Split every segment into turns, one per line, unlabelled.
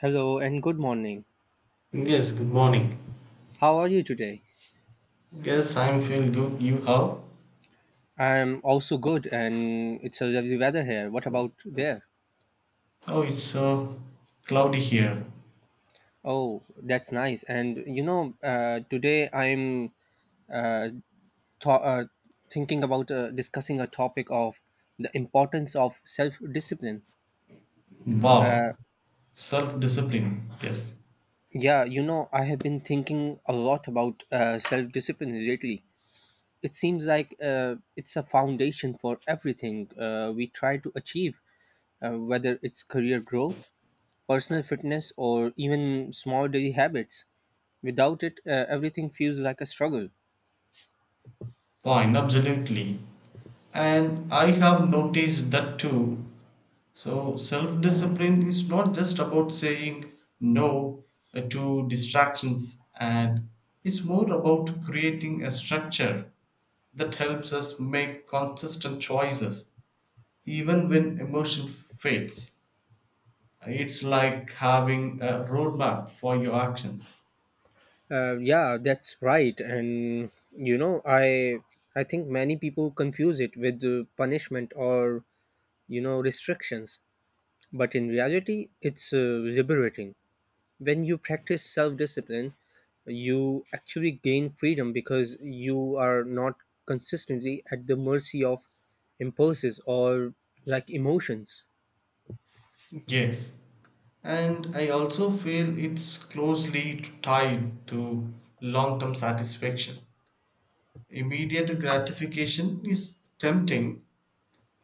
Hello and good morning.
Yes, good morning.
How are you today?
Yes, I'm feeling good. You how?
I'm also good and it's a lovely weather here. What about there?
Oh, it's so cloudy here.
Oh, that's nice. Today I'm uh, th- uh, thinking about discussing a topic of the importance of self discipline. Uh,
Wow. Self discipline. Yes.
I have been thinking a lot about self discipline lately. It seems like it's a foundation for everything we try to achieve, whether it's career growth, personal fitness, or even small daily habits. Without it, everything feels like a struggle.
Fine, absolutely. And I have noticed that too. So, self discipline is not just about saying no to distractions, and it's more about creating a structure that helps us make consistent choices even when emotion fades. It's like having a roadmap for your actions.
Yeah, that's right. And you know, I I think many people confuse it with punishment or restrictions, but in reality, it's liberating. When you practice self-discipline, you actually gain freedom because you are not consistently at the mercy of impulses or like emotions.
Yes. And I also feel it's closely tied to long term satisfaction. Immediate gratification is tempting,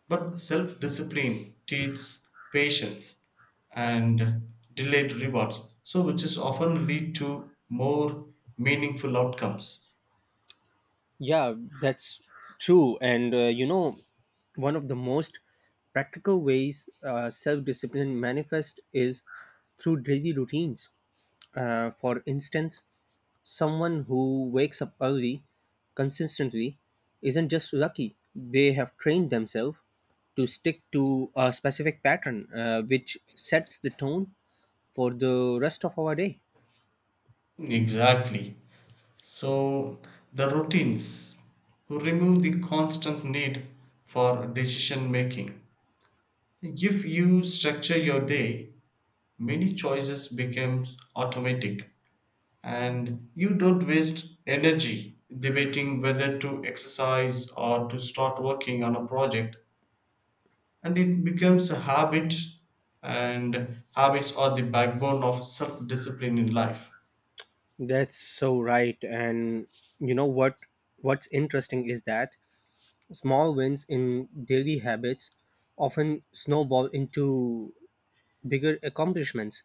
but self discipline teaches patience and delayed rewards, so which is often lead to more meaningful outcomes.
Yeah, that's true. One of the most practical ways self discipline manifests is through daily routines. For instance, someone who wakes up early consistently isn't just lucky, they have trained themselves to stick to a specific pattern, which sets the tone for the rest of our day.
Exactly. So the routines remove the constant need for decision making. If you structure your day, many choices become automatic and you don't waste energy debating whether to exercise or to start working on a project and it becomes a habit and habits are the backbone of self discipline in life.
That's so right. And you know what? What's interesting is that small wins in daily habits often snowball into bigger accomplishments.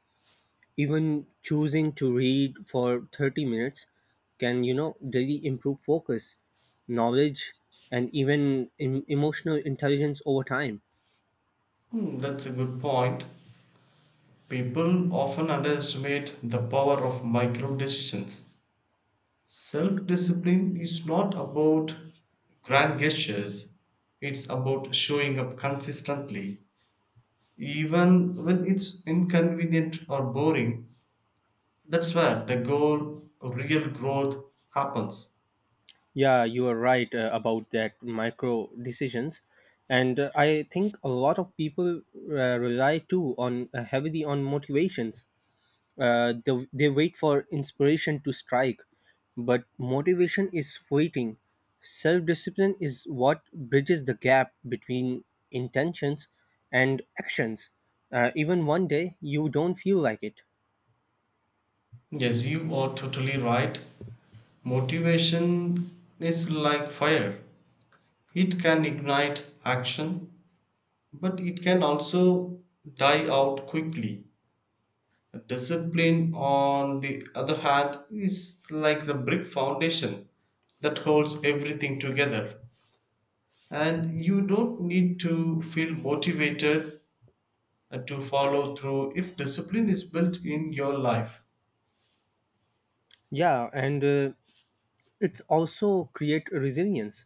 Even choosing to read for 30 minutes can, really improve focus, knowledge, and even emotional intelligence over time.
That's a good point. People often underestimate the power of micro decisions. Self discipline is not about grand gestures, it's about showing up consistently, even when it's inconvenient or boring. That's where the goal, real growth, happens.
Yeah, you are right about that micro decisions. And I think a lot of people rely too on heavily on motivations. They wait for inspiration to strike, but motivation is waiting. Self discipline is what bridges the gap between intentions and actions. Even one day you don't feel like it.
Yes, you are totally right. Motivation is like fire, it can ignite action, but it can also die out quickly. Discipline, on the other hand, is like the brick foundation that holds everything together. And you don't need to feel motivated to follow through if discipline is built in your life.
Yeah, and It's also create resilience.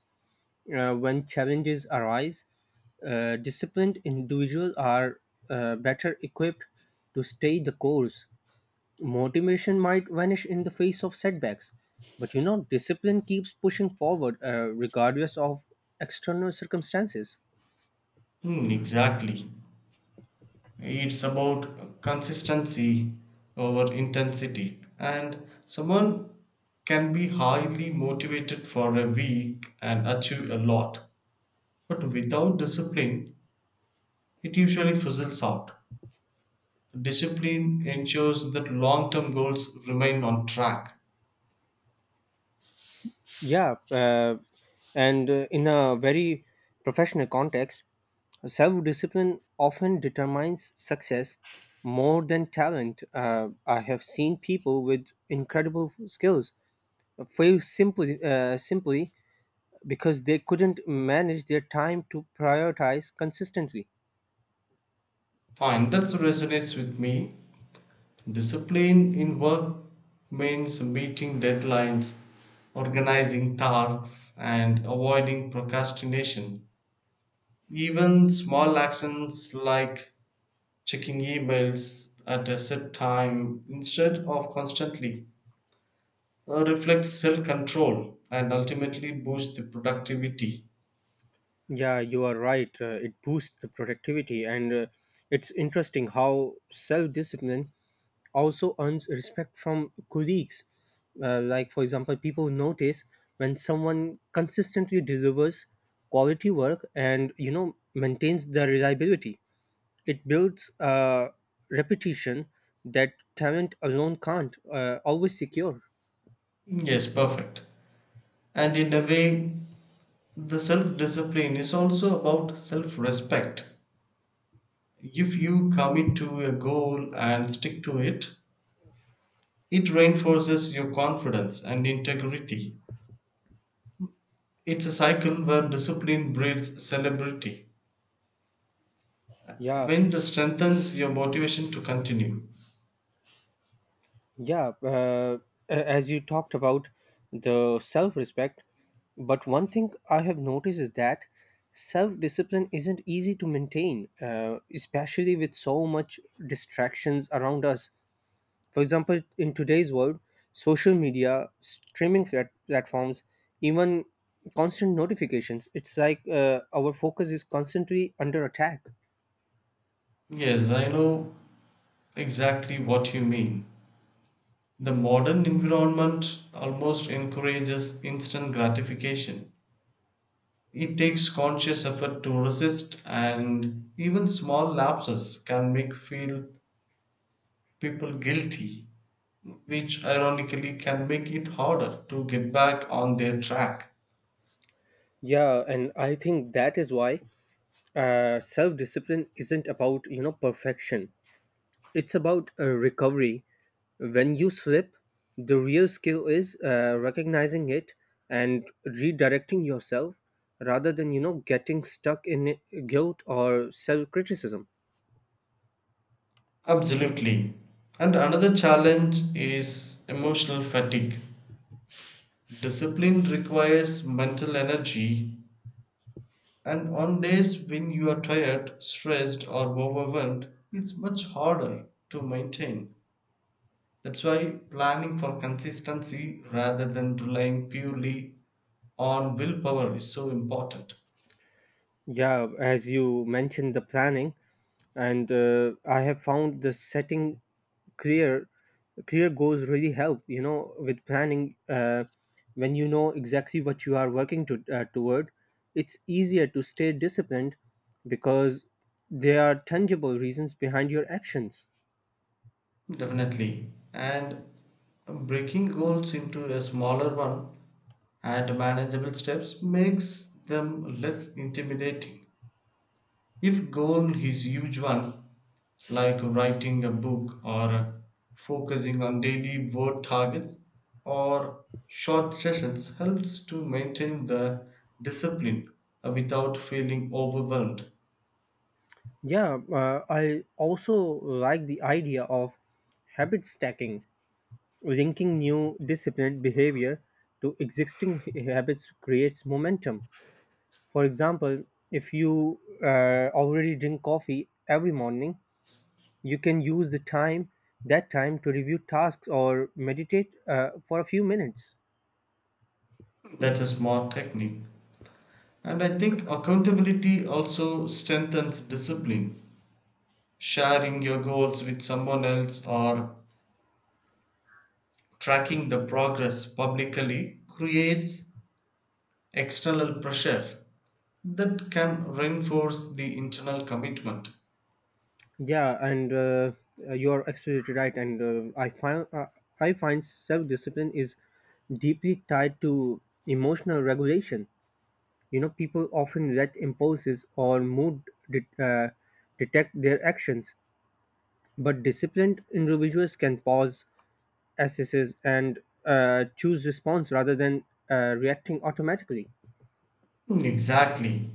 When challenges arise, disciplined individuals are better equipped to stay the course. Motivation might vanish in the face of setbacks, but discipline keeps pushing forward regardless of external circumstances.
Exactly. It's about consistency over intensity. And someone can be highly motivated for a week and achieve a lot. But without discipline, it usually fizzles out. Discipline ensures that long term goals remain on track.
Yeah and In a very professional context, self discipline often determines success more than talent. I have seen people with incredible skills fail simply because they couldn't manage their time to prioritize consistently.
Fine, that resonates with me. Discipline in work means meeting deadlines, organizing tasks, and avoiding procrastination. Even small actions like checking emails at a set time instead of constantly reflect self control and ultimately boost the productivity.
Yeah, you are right. It boosts the productivity, and it's interesting how self discipline also earns respect from colleagues. Like, for example, people notice when someone consistently delivers quality work and maintains the reliability. It builds a repetition that talent alone can't always secure.
Yes, perfect. And in a way, the self discipline is also about self respect. If you commit to a goal and stick to it, it reinforces your confidence and integrity. It's a cycle where discipline breeds celebrity.
Yeah,
When this strengthens your motivation to continue.
Yeah, as you talked about the self respect, but one thing I have noticed is that self discipline isn't easy to maintain, especially with so much distractions around us. For example, in today's world, social media, platforms, even constant notifications, it's like our focus is constantly under attack.
Yes, I know exactly what you mean. The modern environment almost encourages instant gratification. It takes conscious effort to resist, and even small lapses can make feel people guilty, which ironically can make it harder to get back on their track.
Yeah, and I think that is why self discipline isn't about, perfection. It's about recovery. When you slip, the real skill is recognizing it and redirecting yourself rather than, getting stuck in guilt or self criticism.
Absolutely. And another challenge is emotional fatigue. Discipline requires mental energy, and on days when you are tired, stressed, or overwhelmed, it's much harder to maintain. That's why planning for consistency rather than relying purely on willpower is so important.
Yeah, as you mentioned, the planning, and I have found the setting clear clear goals really help with planning. When you know exactly what you are working toward, it's easier to stay disciplined because there are tangible reasons behind your actions.
Definitely. And breaking goals into a smaller one and manageable steps makes them less intimidating. If goal is huge one, like writing a book or focusing on daily word targets or short sessions helps to maintain the discipline without feeling overwhelmed.
Yeah I also like the idea of habit stacking, linking new disciplined behavior to existing habits creates momentum. For example, if you already drink coffee every morning, you can use the time that time to review tasks or meditate for a few minutes.
That's a smart technique. And I think accountability also strengthens discipline. Sharing your goals with someone else or tracking the progress publicly creates external pressure that can reinforce the internal commitment.
Yeah, and You're absolutely right. And I find self discipline is deeply tied to emotional regulation. You know, people often let impulses or mood det- uh, detect their actions, but disciplined individuals can pause, assess, and choose response rather than reacting automatically.
Exactly.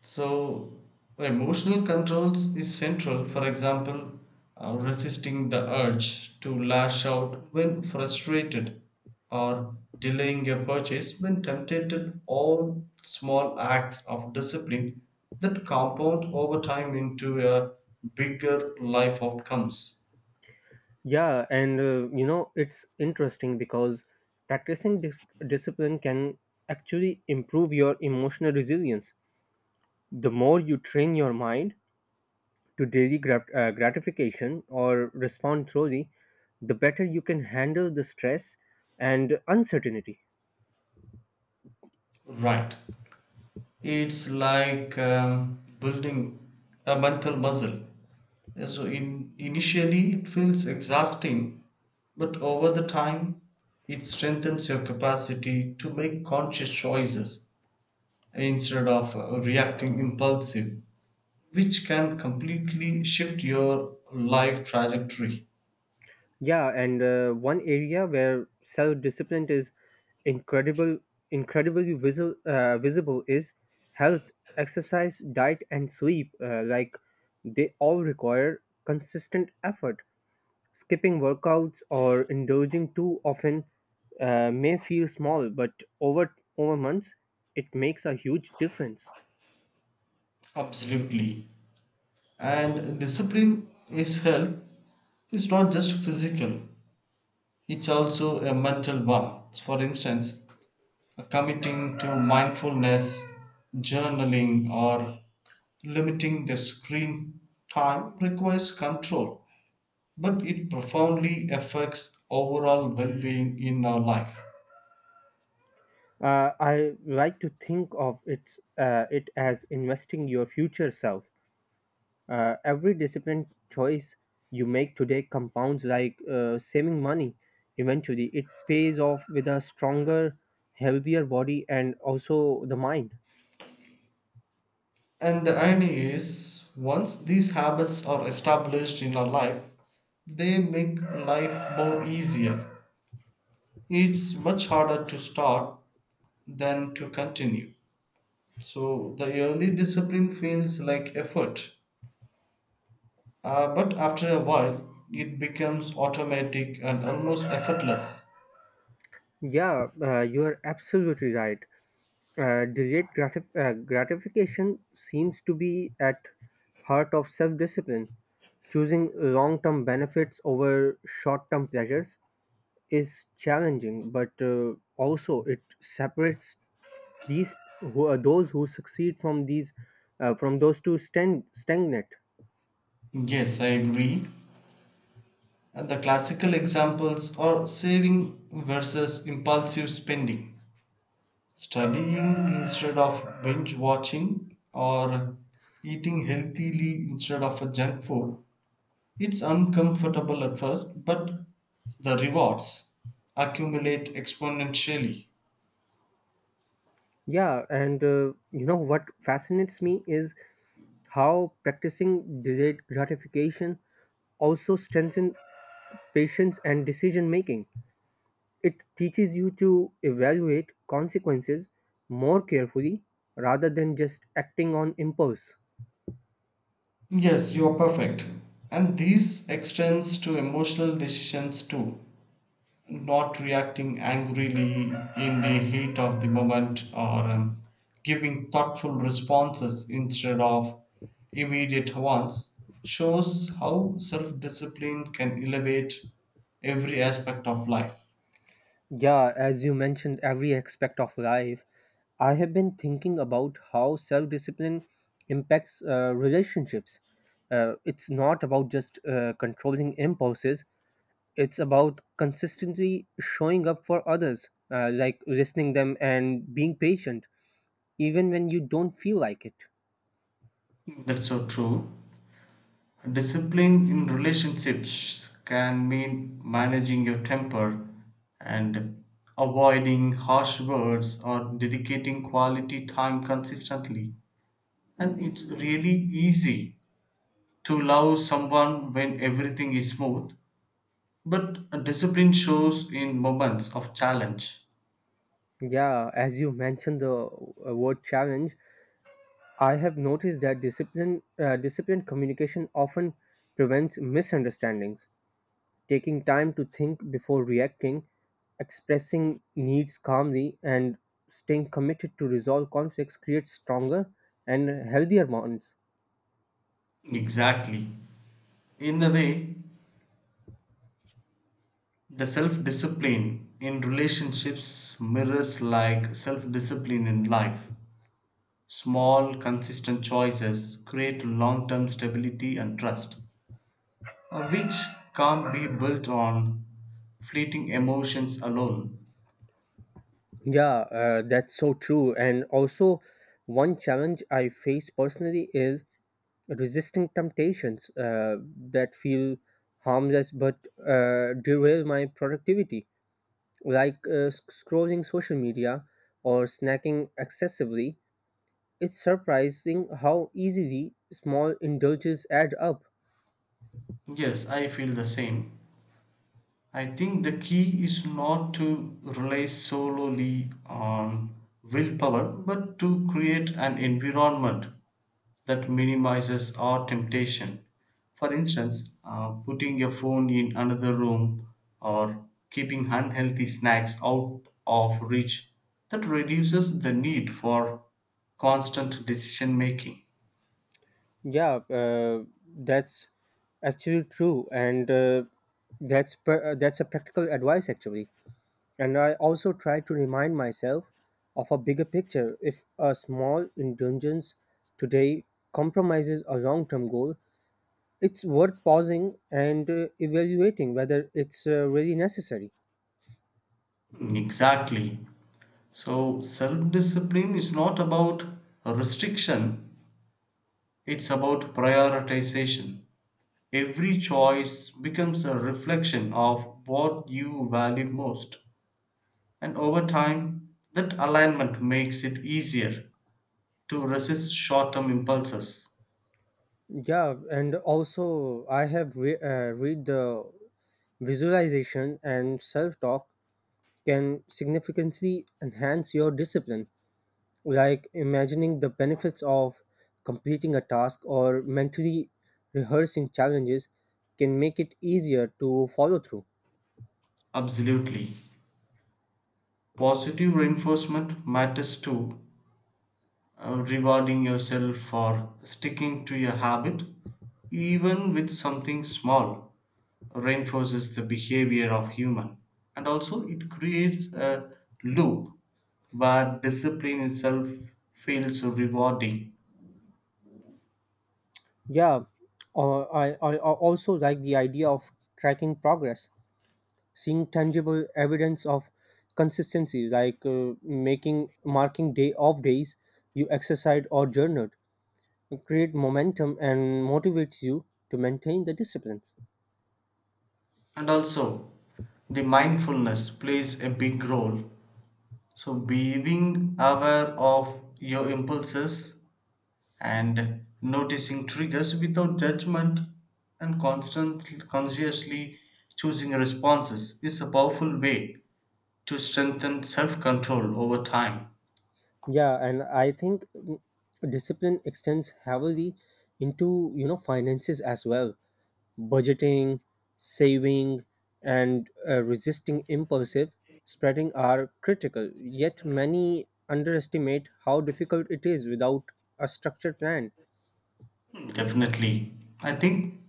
So, emotional controls is central. For example, resisting the urge to lash out when frustrated or delaying a purchase when tempted. All small acts of discipline that compound over time into a bigger life outcomes.
It's interesting because practicing discipline can actually improve your emotional resilience. The more you train your mind to gratification or respond thoroughly, the better you can handle the stress and uncertainty.
Right. It's like building a mental muscle. Initially it feels exhausting, but over the time it strengthens your capacity to make conscious choices instead of reacting impulsive, which can completely shift your life trajectory.
Yeah, and One area where self-discipline is incredible, incredibly visible is health, exercise, diet, and sleep. Like, they all require consistent effort. Skipping workouts or indulging too often may feel small, but over months, it makes a huge difference.
Absolutely. And discipline is health. It's not just physical, it's also a mental one. For instance, committing to mindfulness, journaling, or limiting the screen time requires control, but it profoundly affects overall well being in our life.
I like to think of it as investing your future self. Every disciplined choice you make today compounds like saving money. Eventually, it pays off with a stronger, healthier body and also the mind.
And the irony is, once these habits are established in our life, they make life more easier. It's much harder to start than to continue. So the early discipline feels like effort, but after a while, it becomes automatic and almost effortless.
Yeah, you are absolutely right. Delayed gratification seems to be at heart of self-discipline. Choosing long-term benefits over short-term pleasures is challenging, but also it separates these who are those who succeed from these from those two stand stagnate.
Yes, I agree. And the classical examples are saving versus impulsive spending, studying instead of binge watching, or eating healthily instead of a junk food. It's uncomfortable at first, but the rewards accumulate exponentially.
Yeah, and you know What fascinates me is how practicing delayed gratification also strengthens patience and decision making. It teaches you to evaluate consequences more carefully rather than just acting on impulse.
Yes, you are perfect. And this extends to emotional decisions too. Not reacting angrily in the heat of the moment or giving thoughtful responses instead of immediate ones shows how self discipline can elevate every aspect of life.
Yeah, as you mentioned, every aspect of life, I have been thinking about how self discipline impacts relationships. It's not about just controlling impulses, it's about consistently showing up for others, like listening them and being patient, even when you don't feel like it.
That's so true. Discipline in relationships can mean managing your temper and avoiding harsh words or dedicating quality time consistently. And it's really easy to love someone when everything is smooth, but discipline shows in moments of challenge.
Yeah, as you mentioned the word challenge, I have noticed that disciplined communication often prevents misunderstandings, taking time to think before reacting, expressing needs calmly, and staying committed to resolve conflicts creates stronger and healthier bonds.
Exactly. In a way, the self discipline in relationships mirrors like self discipline in life. Small, consistent choices create long term stability and trust, which can't be built on fleeting emotions alone.
Yeah, that's so true. And also, one challenge I face personally is resisting temptations that feel harmless but derail my productivity, like scrolling social media or snacking excessively. It's surprising how easily small indulges add up.
Yes, I feel the same. I think the key is not to rely solely on willpower, but to create an environment that minimizes our temptation. For instance, putting your phone in another room or keeping unhealthy snacks out of reach that reduces the need for constant decision making.
Yeah, that's actually true, and that's a practical advice actually. And I also try to remind myself of a bigger picture. If a small indulgence today compromises a long-term goal, it's worth pausing and evaluating whether it's really necessary.
Exactly. So, self discipline is not about restriction, it's about prioritization. Every choice becomes a reflection of what you value most. And over time, that alignment makes it easier to resist short term impulses.
Yeah, and also I have re- Read the visualization and self talk can significantly enhance your discipline, like imagining the benefits of completing a task or mentally rehearsing challenges can make it easier to follow through.
Absolutely. Positive reinforcement matters too. Rewarding yourself for sticking to your habit, even with something small, reinforces the behavior of human. And also, it creates a loop where discipline itself feels rewarding.
Yeah, I also like the idea of tracking progress, seeing tangible evidence of consistency, like making marking day off days you exercise or journaled, create momentum and motivates you to maintain the disciplines.
And also, the mindfulness plays a big role. So, being aware of your impulses and noticing triggers without judgment and constant, consciously choosing responses is a powerful way to strengthen self control over time.
Yeah, and I think mm, Discipline extends heavily into finances as well. Budgeting, saving, and resisting impulsive spreading are critical, yet, many underestimate how difficult it is without a structured plan.
Definitely. I think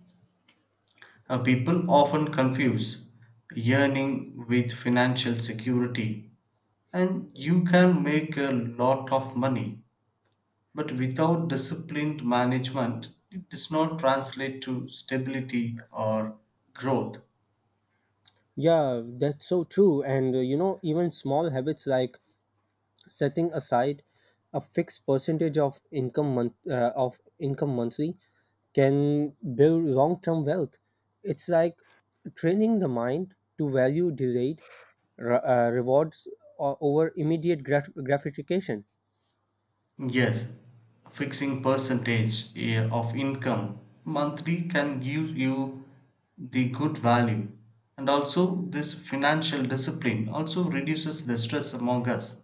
people often confuse yearning with financial security, and you can make a lot of money but without disciplined management, it does not translate to stability or growth.
Yeah, that's so true. Even small habits like setting aside a fixed percentage of income month of income monthly can build long-term wealth. It's like training the mind to value rewards over immediate gratification.
Yes, fixing percentage of income monthly can give you the good value. And also, this financial discipline also reduces the stress among us.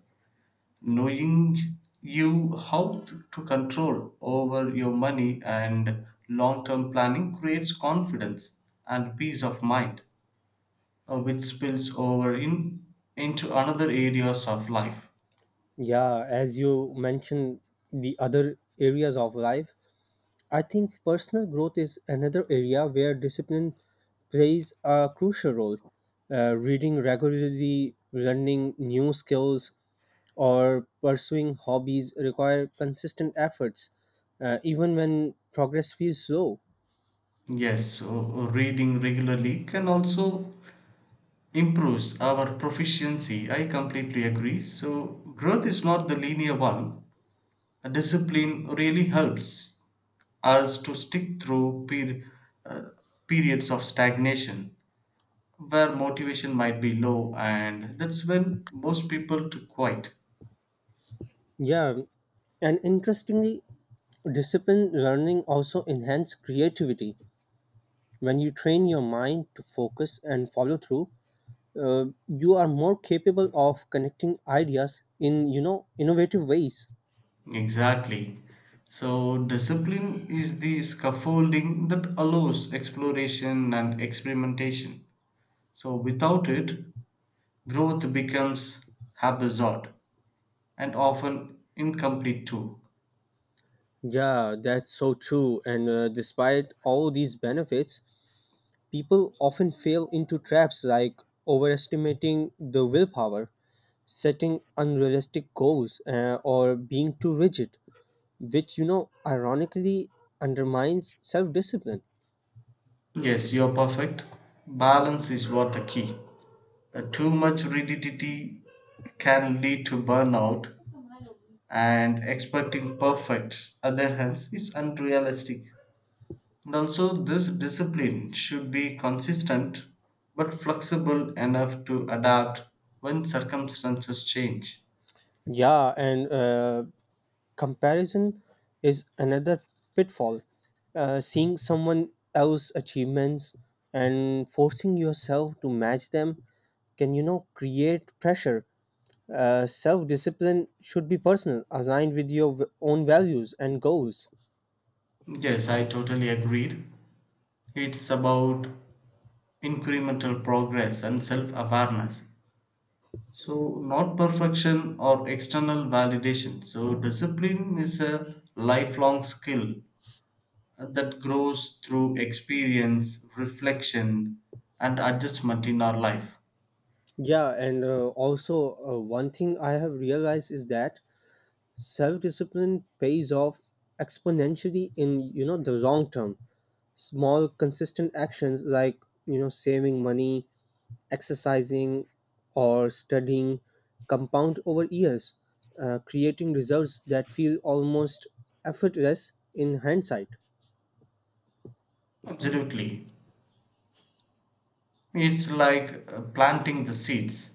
Knowing you how to control over your money and long term planning creates confidence and peace of mind, which spills into another areas of life.
Yeah, as you mentioned the other areas of life, I think personal growth is another area where discipline plays a crucial role. Reading regularly, learning new skills, or pursuing hobbies require consistent efforts, even when progress feels slow.
Yes, reading regularly can also improves our proficiency. I completely agree. So growth is not the linear one. A discipline really helps us to stick through uh, periods of stagnation where motivation might be low and that's when most people to quit.
Yeah, and Interestingly, discipline learning also enhances creativity. When you train your mind to focus and follow through, you are more capable of connecting ideas in innovative ways.
Exactly. So, discipline is the scaffolding that allows exploration and experimentation. So, without it, growth becomes haphazard and often incomplete too.
Yeah that's so true. And Despite all these benefits, people often fail into traps like overestimating the willpower, setting unrealistic goals, or being too rigid, which ironically undermines self-discipline.
Yes, you're perfect. Balance is what the key. Too much rigidity can lead to burnout, and expecting perfect, other hands, is unrealistic. And also, this discipline should be consistent but flexible enough to adapt when circumstances change.
Yeah and Comparison is another pitfall. Seeing someone else's achievements and forcing yourself to match them can, create pressure. Self discipline should be personal, aligned with your own values and goals.
Yes, I totally agreed. It's about incremental progress and self awareness. So, not perfection or external validation. So, discipline is a lifelong skill that grows through experience, reflection, and adjustment in our life.
One thing I have realized is that self discipline pays off exponentially in, the long term. Small consistent actions like saving money, exercising, or studying compound over years, creating results that feel almost effortless in hindsight.
Absolutely. It's like planting the seeds.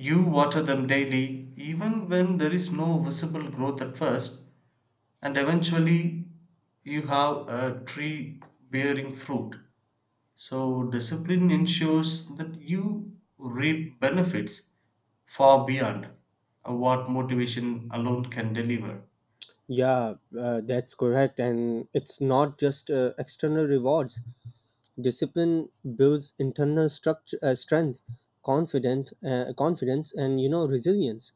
You water them daily, even when there is no visible growth at first, and eventually you have a tree bearing fruit. So, discipline ensures that you reap benefits far beyond what motivation alone can deliver.
Yeah, that's correct. And it's not just external rewards. Discipline builds internal structure, strength, confidence, and resilience.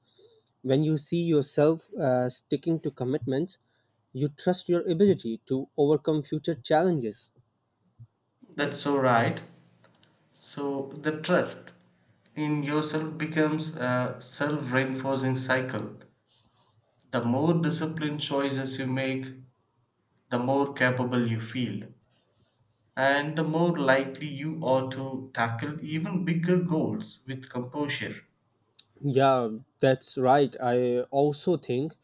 When you see yourself sticking to commitments, you trust your ability to overcome future challenges.
That's so right. So, the trust in yourself becomes a self reinforcing cycle. The more disciplined choices you make, the more capable you feel, and the more likely you are to tackle even bigger goals with composure.
Yeah, that's right. I also think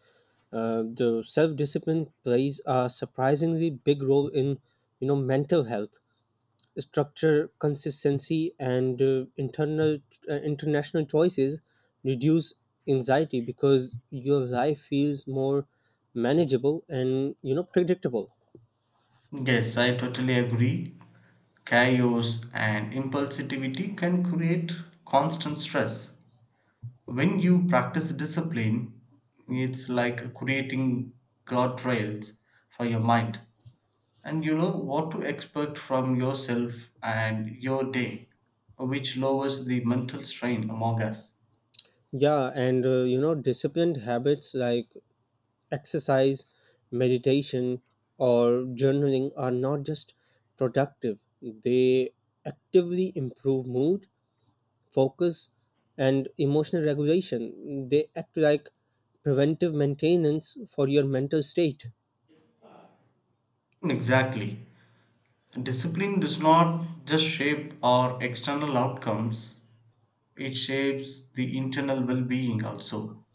the self-discipline plays a surprisingly big role in, mental health, structure, consistency, and internal international choices reduce anxiety because your life feels more manageable and predictable.
Yes, I totally agree. Chaos and impulsivity can create constant stress. When you practice discipline, it's like creating guardrails for your mind, and you know what to expect from yourself and your day, which lowers the mental strain among us.
Yeah, and you know Disciplined habits like exercise, meditation, or journaling are not just productive, they actively improve mood, focus, and emotional regulation. They act like preventive maintenance for your mental state.
Exactly. Discipline does not just shape our external outcomes, it shapes the internal well being also.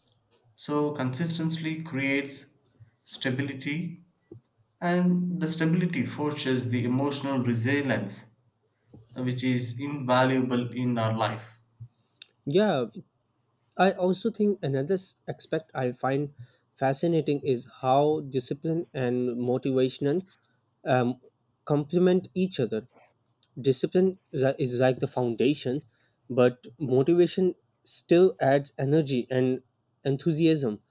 So, consistency creates stability, and the stability forges the emotional resilience, which is invaluable in our life.
Yeah, I also think another aspect I find fascinating is how discipline and motivation um, complement each other. Discipline is like the foundation, but motivation still adds energy and enthusiasm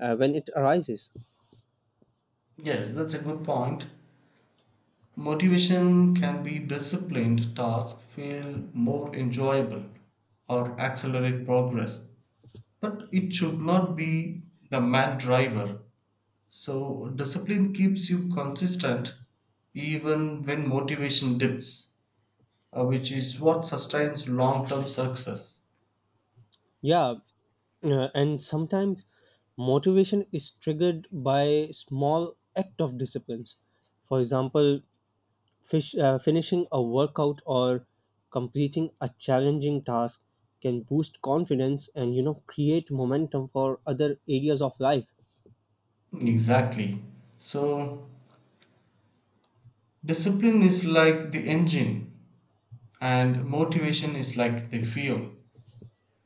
when it arises.
Yes, that's a good point. Motivation can be disciplined tasks feel more enjoyable or accelerate progress, but it should not be the main driver. So, discipline keeps you consistent even when motivation dips, which is what sustains long term success.
Yeah, and sometimes motivation is triggered by small act of disciplines. For example, finishing a workout or completing a challenging task can boost confidence and create momentum for other areas of life.
Exactly. So, discipline is like the engine, and motivation is like the fuel.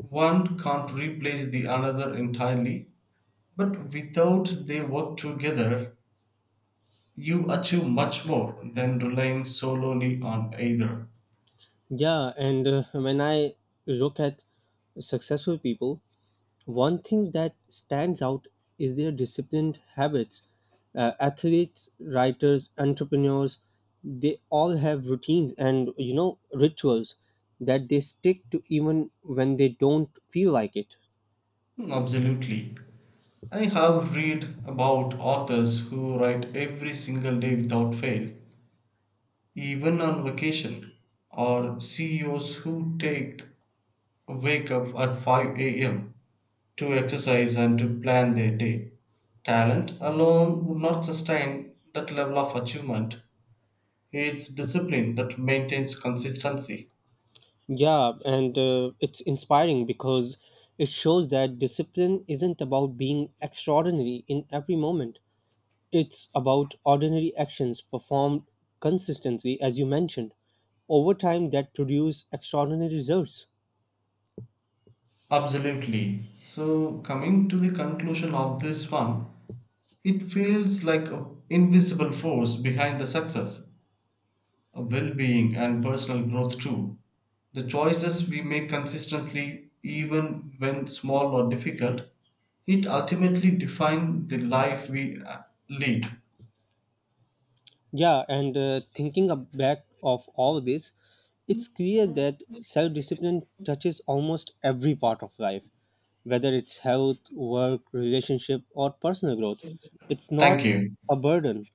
One can't replace the another entirely, but without they work together, you achieve much more than relying solely on either.
Yeah, and When I look at successful people, one thing that stands out is their disciplined habits. Athletes, writers, entrepreneurs, they all have routines and rituals that they stick to even when they don't feel like it.
Absolutely. I have read about authors who write every single day without fail, even on vacation, or CEOs who take wake up at 5 a.m. to exercise and to plan their day. Talent alone would not sustain that level of achievement. It's discipline that maintains consistency.
Yeah, and It's inspiring because it shows that discipline isn't about being extraordinary in every moment. It's about ordinary actions performed consistently, as you mentioned, over time that produce extraordinary results.
Absolutely. So, coming to the conclusion of this one, it feels like an invisible force behind the success, a well being, and personal growth too. The choices we make consistently, even when small or difficult, it ultimately defines the life we lead.
Yeah, and Thinking back of all this, it's clear that self discipline touches almost every part of life, whether it's health, work, relationship, or personal growth. It's
Thank
not
you.
a burden,